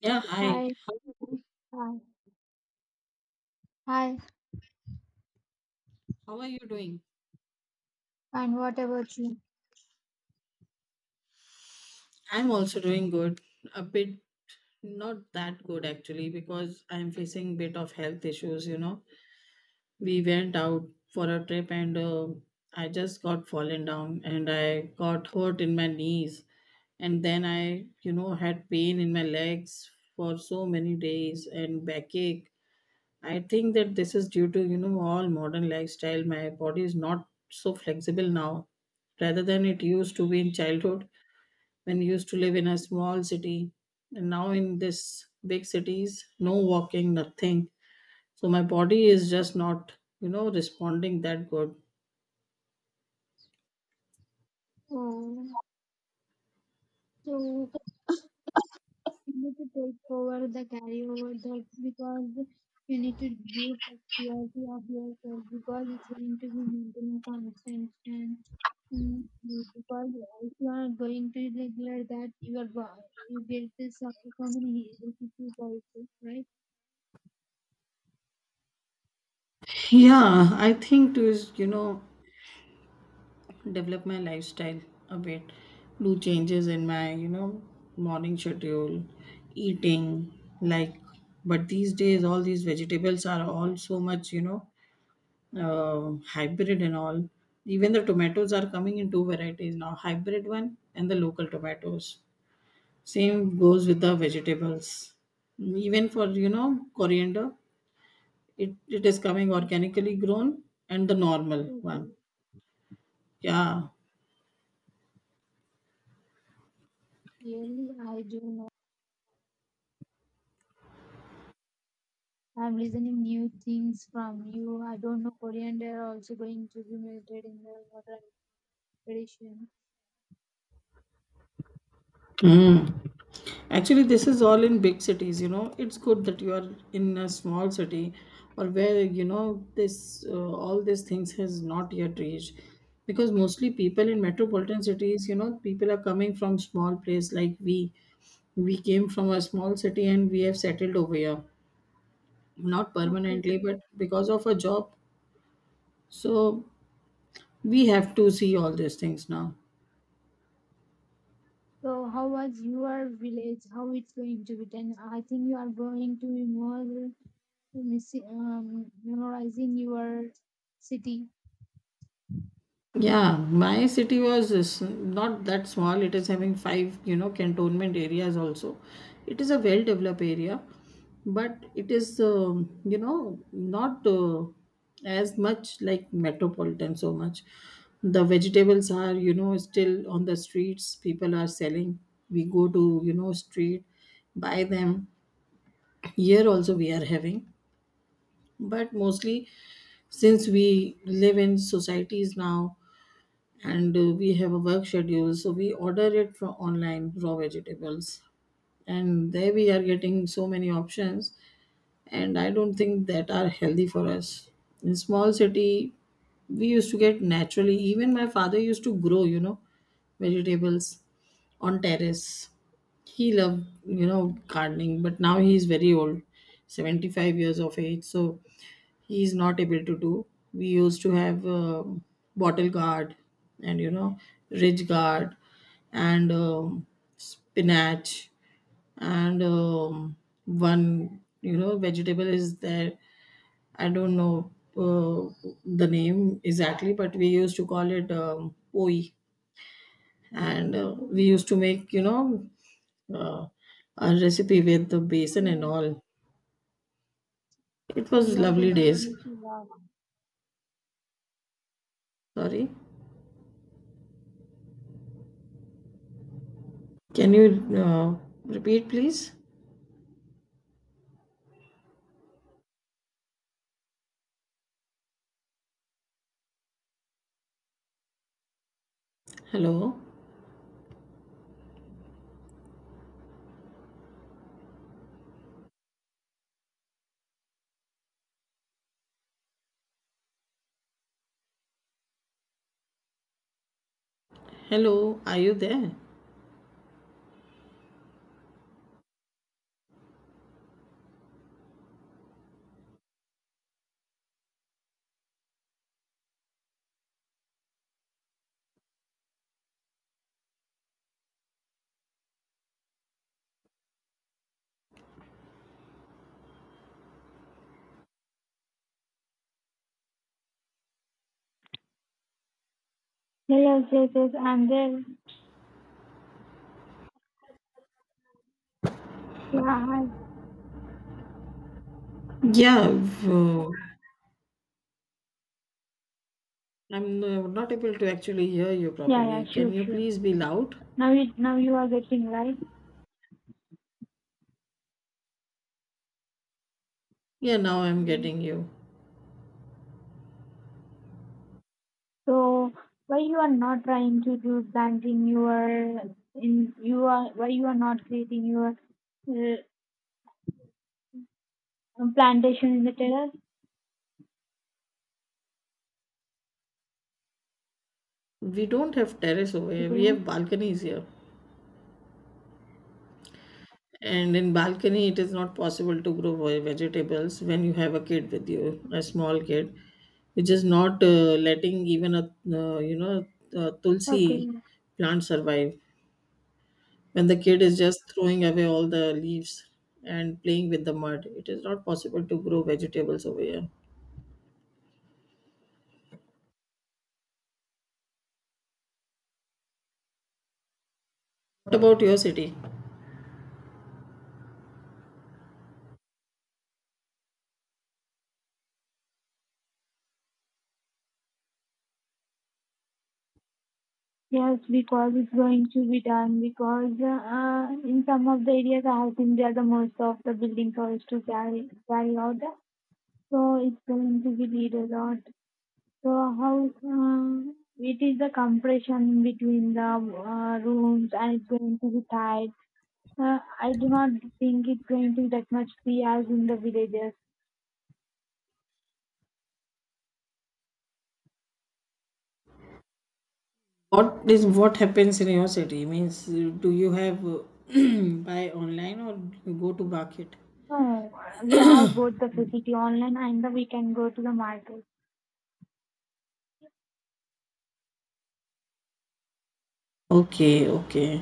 Yeah, hi. Hi, hi, hi, How are you doing? and what about you? I'm also doing good. A bit not that good actually because I'm facing bit of health issues. We went out for a trip and I just got fallen down and I got hurt in my knees, and then I had pain in my legs for so many days and backache. I think that this is due to all modern lifestyle. My body is not so flexible now rather than it used to be in childhood, when we used to live in a small city, and now in this big cities no walking nothing, so my body is just not responding that good. Oh, so you need to take over the carryover that because you need to give priority of yourself because it's going to be maintaining constant and mm, because if you are going to regular that you get this so many health issues also, right? Yeah, I think to is develop my lifestyle a bit, do changes in my morning schedule, eating, like, but these days all these vegetables are all so much, hybrid and all. Even the tomatoes are coming in two varieties now, hybrid one and the local tomatoes. Same goes with the vegetables. Even for coriander, it is coming organically grown, and the normal one. Okay. Yeah. Really, I do I'm listening new things from you. I don't know coriander also going to be melted in the water tradition. Mm. Actually, this is all in big cities. It's good that you are in a small city, or where, this all these things has not yet reached. Because mostly people in metropolitan cities, people are coming from small place like we. We came from a small city and we have settled over here. Not Okay. permanently, but because of a job. So we have to see all these things now. So how was your village? How it's going to be done? I think you are going to be more memorizing your city. Yeah, my city was is not that small. It is having five, cantonment areas also. It is a well developed area, but it is not as much like metropolitan so much. The vegetables are still on the streets. People are selling. We go to street, buy them. Here also we are having, but mostly since we live in societies now, and we have a work schedule, so we order it from online raw vegetables, and there we are getting so many options, and I don't think that are healthy for us. In small city we used to get naturally. Even my father used to grow vegetables on terrace. He loved gardening, but now he is very old, 75 years of age, so he is not able to do. We used to have bottle guard, and ridge guard, and spinach, and one vegetable is there. I don't know the name exactly, but we used to call it poi, and Okay. we used to make uh, a recipe with the basin and Yeah. all. It So was you are lovely going to days. miss a lot. Sorry. Can you uh, repeat, please? Hello? Hello, are you there? Yeah, yes, yes, yes. I'm there. Yeah. I- Yeah, uh, I'm not able to actually hear you Yeah, properly. yeah, sure, Can you sure. please be loud? Now now you are getting right. Yeah, now I'm getting you. So why you are not trying to do planting your in you are why you are not creating your uh, plantation in the terrace? We don't have terrace over here, we Okay. have balconies here. And in balcony, it is not possible to grow vegetables when you have a kid with you, a small kid, which is not letting even a a Okay. tulsi plant survive. When the kid is just throwing away all the leaves and playing with the mud, it is not possible to grow vegetables over here. What about your city? Yes, because it's going to be done because in some of the areas I have been there the most of the building codes to carry out. So it's going to be need a lot. So how it is the compression between the rooms and it's going to be tight. I do not think it's going to be that much free as in the villages. What happens in your city? Means, do you have buy online or you go to market? No, we have both the facility online and the we can go to the market. Okay, okay.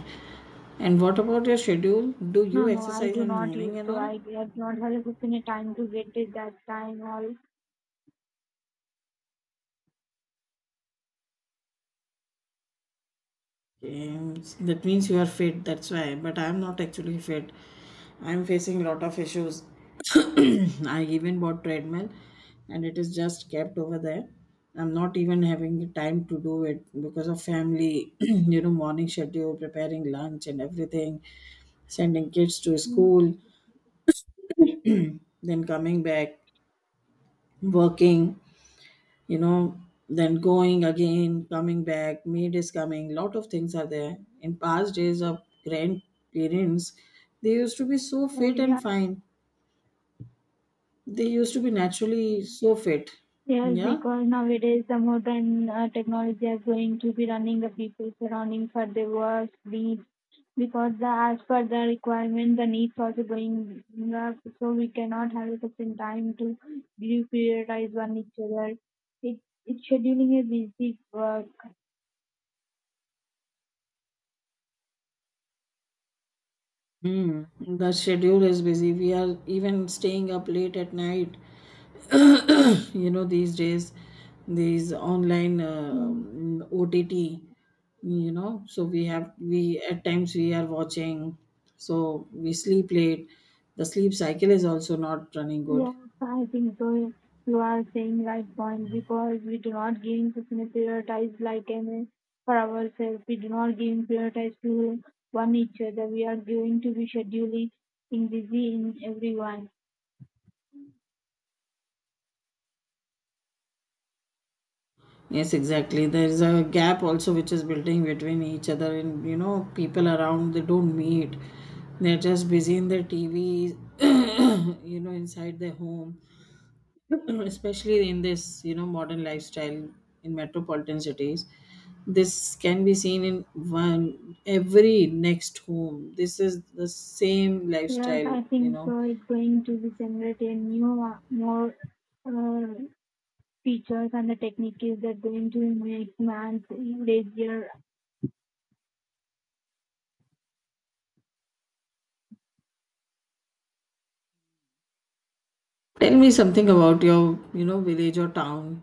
And what about your schedule? Do you No, no, I exercise do in not morning use and to. all? I have not had a sufficient time to get it that time or. Yes, that means you are fit. That's why. But I'm not actually fit. I'm facing lot of issues. I even bought treadmill, and it is just kept over there. I'm not even having the time to do it because of family. Morning schedule, preparing lunch and everything, sending kids to Mm. school, then coming back, working. you know then going again, coming back, maid is coming, lot of things are there. In past days of grandparents, they used to be so Oh, fit and yeah. fine. They used to be naturally so fit, Yes, yeah. because nowadays the modern technology is going to be running the people surrounding for their work needs. Because the, as per the requirement, the needs also going up, so we cannot have a sufficient time to prioritize one each other. It, it scheduling a busy work. Hmm. The schedule is busy, we are even staying up late at night these days. These online Hmm. Ott, so we have we at times we are watching, so we sleep late. The sleep cycle is also not running good. Yes, I think so. You are saying right point because we do not gain sustainable prioritize like any for ourselves. We do not gain prioritize to one each other. We are going to be scheduling in busy in everyone. Yes, exactly, there is a gap also which is building between each other, and people around, they don't meet, they're just busy in their TV inside their home, especially in this modern lifestyle in metropolitan cities. This can be seen in one every next home. This is the same Yes, lifestyle I you think know so. It's going to be generate a new more uh, features and the techniques that going to make man lazier. tell me something about your village or town.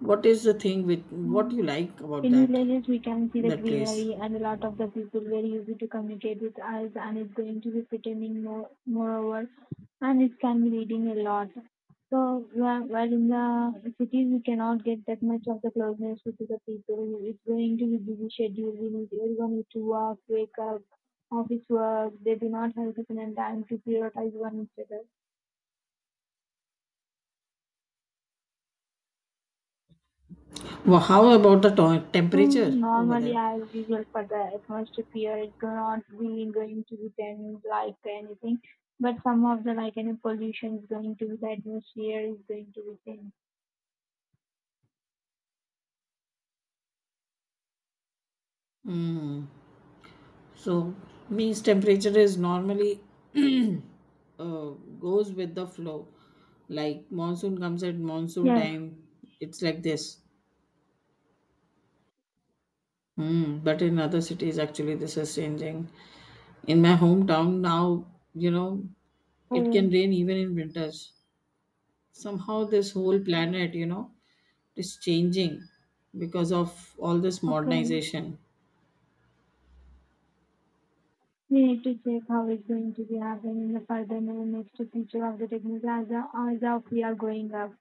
What is the thing with, what you Mm. like about In that villages, we can see the that place? greenery and a lot of the people very easy to communicate with us, and it's going to be pretending more, moreover, and it can be reading a lot. So, while in the cities, we cannot get that much of the closeness with the people. It's going to be busy schedule. We need everyone need to work, wake up, office work. They do not have the time to prioritize one another. Well, how about the temperature Hmm, over normally, there? as usual for the atmosphere, it's not really going to be then like anything. But some of the like any pollution is going to be the atmosphere is going to be thin. So means temperature is normally, uh, goes with the flow. Like monsoon comes at monsoon Yes. time, it's like this. But in other cities, actually, this is changing. In my hometown now, you know, it Oh, can rain even in winters. Somehow, this whole planet is changing because of all this okay. modernization. We need to check how it's going to be happening in the further in the next future of the technology as of we are growing up.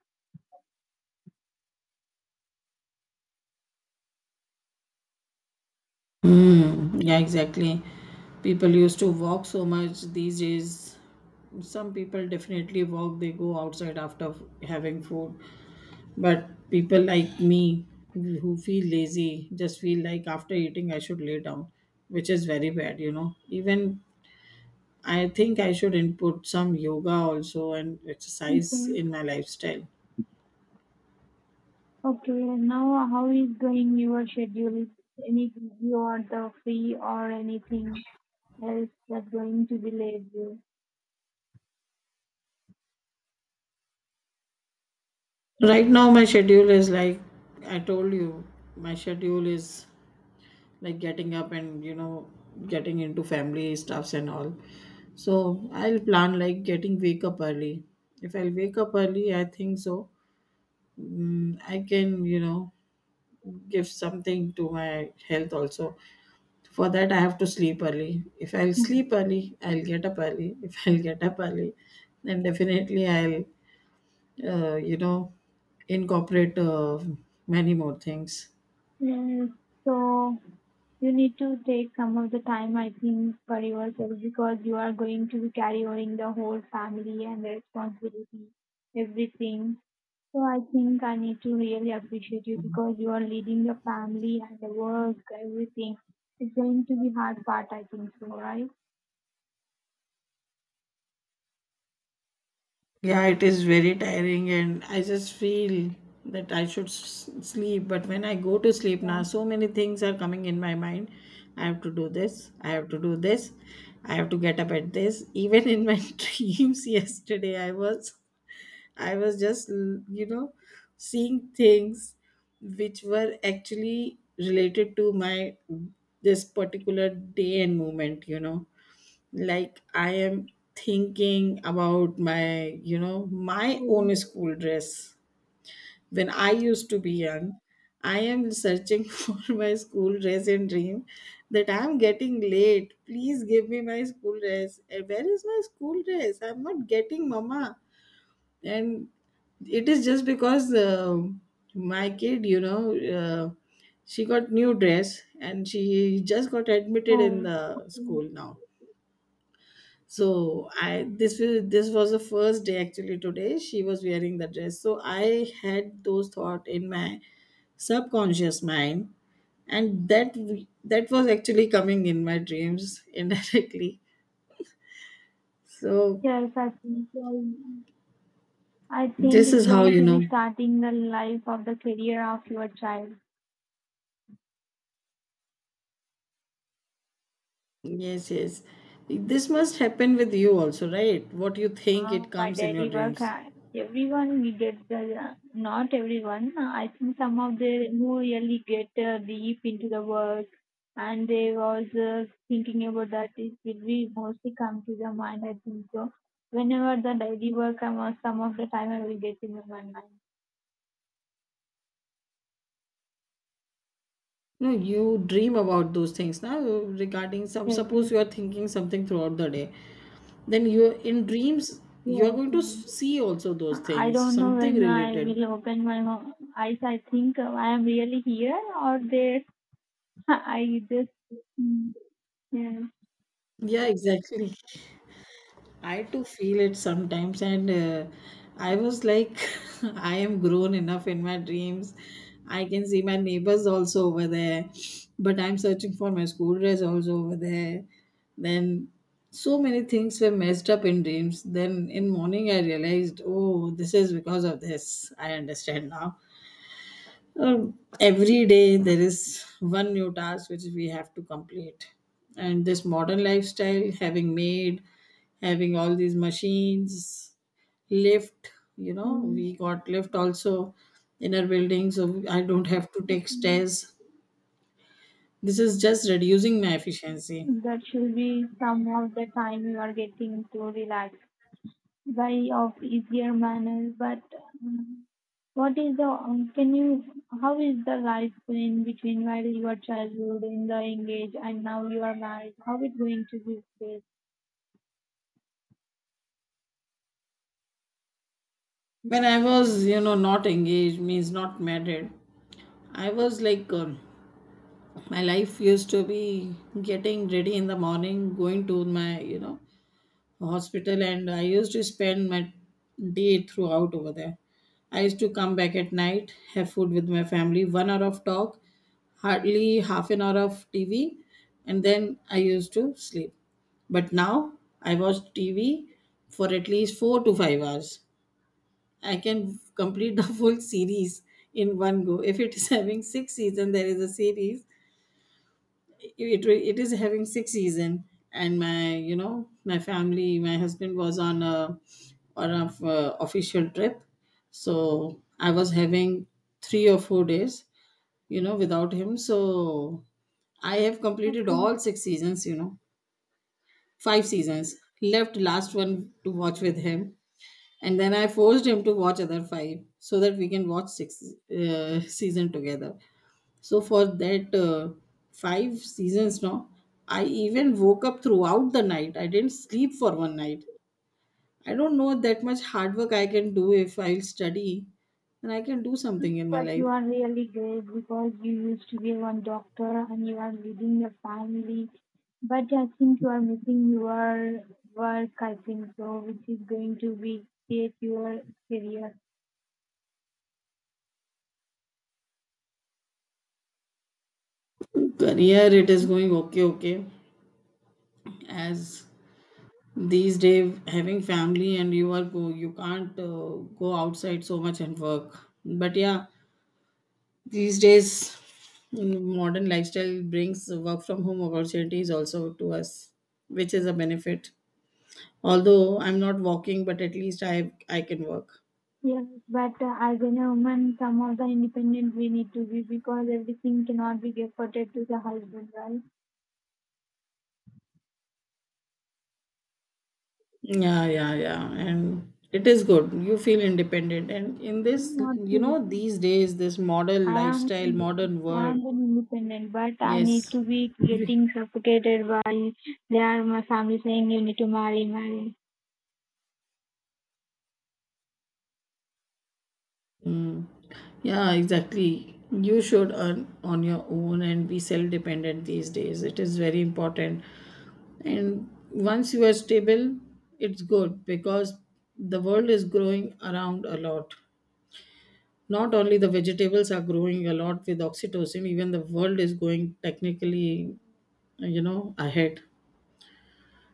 Mm, yeah, exactly. People used to walk so much these days. Some people definitely walk, they go outside after having food. But people like me, who feel lazy, just feel like after eating I should lay down, which is very bad. Even I think I should input some yoga also and exercise Okay. in my lifestyle. Okay. Now, how is going your schedule? Is any you are the free or anything else that's going to be late? Right now, my schedule is like I told you, my schedule is like getting up and getting into family stuffs and all, so I'll plan like getting wake up early. If I'll wake up early, I think so, I can, give something to my health also. For that I have to sleep early. If I'll sleep Hmm. early, I'll get up early. If I'll get up early, then definitely I'll uh, you know incorporate many more things. Mm, so you need to take some of the time, I think, for yourself because you are going to be carrying the whole family and the responsibility, everything. So I think I need to really appreciate you because you are leading the family and the work, everything. It's going to be hard part, I think so, right? Yeah, it is very tiring, and I just feel that I should sleep. But when I go to sleep now, Yeah. so many things are coming in my mind. I have to do this, I have to do this, I have to get up at this. Even in my dreams yesterday, I was just you know seeing things which were actually related to my this particular day and moment, like I am thinking about my you know my Oh, own school dress, when I used to be young. I am searching for my school dress and dream that I'm getting late, please give me my school dress. Eh, where is my school dress, I'm not getting, mama. And it is just because my kid, she got new dress, and she just got admitted in oh, the school okay. now. So I this was the first day actually, today she was wearing the dress, so I had those thought in my subconscious mind, and that that was actually coming in my dreams indirectly. So Yes, I think so. I think this it's is how going you to know be starting the life of the career of your child. yes, yes, this must happen with you also, right? What you think Ah, it my comes in your daily work, dreams? Everyone we not everyone, I think some of the who really get deep into the work and they was thinking about that, it will be mostly come to the mind, I think so. Whenever the daily work, some of the time I will get into my mind. No, you dream about those things now regarding some, Yes, suppose yes, you are thinking something throughout the day, then you in dreams you are yes. going to see also those I things, don't know something when I related. will open my eyes. I think I am really here or there. I just, mm, yeah. Yeah, exactly, I too feel it sometimes, and I was like, I am grown enough in my dreams. I can see my neighbors also over there, but I'm searching for my school dress also over there. Then so many things were messed up in dreams. Then in morning I realized, oh, this is because of this. I understand now. Every day there is one new task which we have to complete, and this modern lifestyle having made having all these machines, lift, Mm. we got lift also in our building, so I don't have to take Mhm. stairs. This is just reducing my efficiency. That should be some of the time you are getting to relax by of easier manner. But um, what is the can you how is the life in between while your childhood in the engage and now you are married? How it going to be? When I was, not engaged means not married, I was like, my life used to be getting ready in the morning, going to my, hospital, and I used to spend my day throughout over there. I used to come back at night, have food with my family, one hour of talk, hardly half an hour of TV, and then I used to sleep. But now I watch TV for at least 4 to 5 hours. I can complete the full series in one go. If it is having six seasons, there is a series, it is having six season, and my my family, my husband was on a on a official trip, so I was having 3 or 4 days without him, so I have completed Okay. all six seasons, five seasons, left last one to watch with him. And then I forced him to watch other five, so that we can watch six season together. So for that, five seasons now, I even woke up throughout the night. I didn't sleep for one night. I don't know that much hard work I can do, if I'll study, and I can do something in my But you life. are really great because you used to be one doctor and you are leading your family. But I think you are missing your work, I think so, which is going to be create your career. Career it is Hmm. going, okay, okay. As these days having family, and you can't go outside so much and work. But yeah, these days, modern lifestyle brings work from home opportunities also to us, which is a benefit. Although I'm not walking, but at least I can work. Yes, but as a woman, some of the independent we need to be because everything cannot be reported to the husband, right? Yeah, yeah, yeah. And it is good. You feel independent. And in this, Not true. these days, this model I am lifestyle, modern I world, am an independent, but I need yes. to be You- getting suffocated by they are my family saying you need to marry, marry. Mm. Yeah, exactly. You should earn on your own and be self dependent these days. It is very important. And once you are stable, it's good because the world is growing around a lot. Not only the vegetables are growing a lot with oxytocin, even the world is going technically, ahead.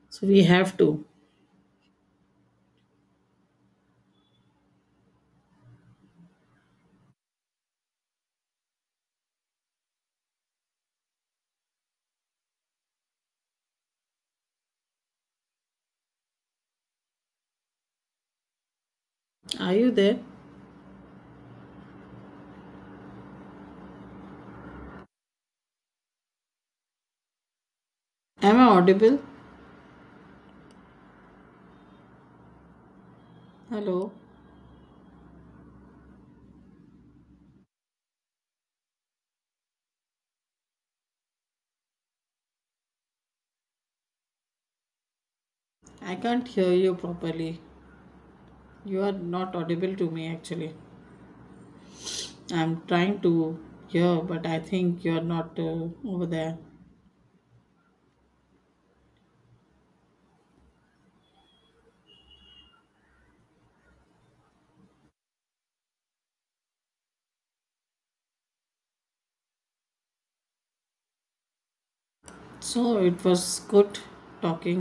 So we have to. Are you there? Am I audible? Hello? I can't hear you properly. You are not audible to me actually. I'm trying to hear, but I think you're not over there. So it was good talking.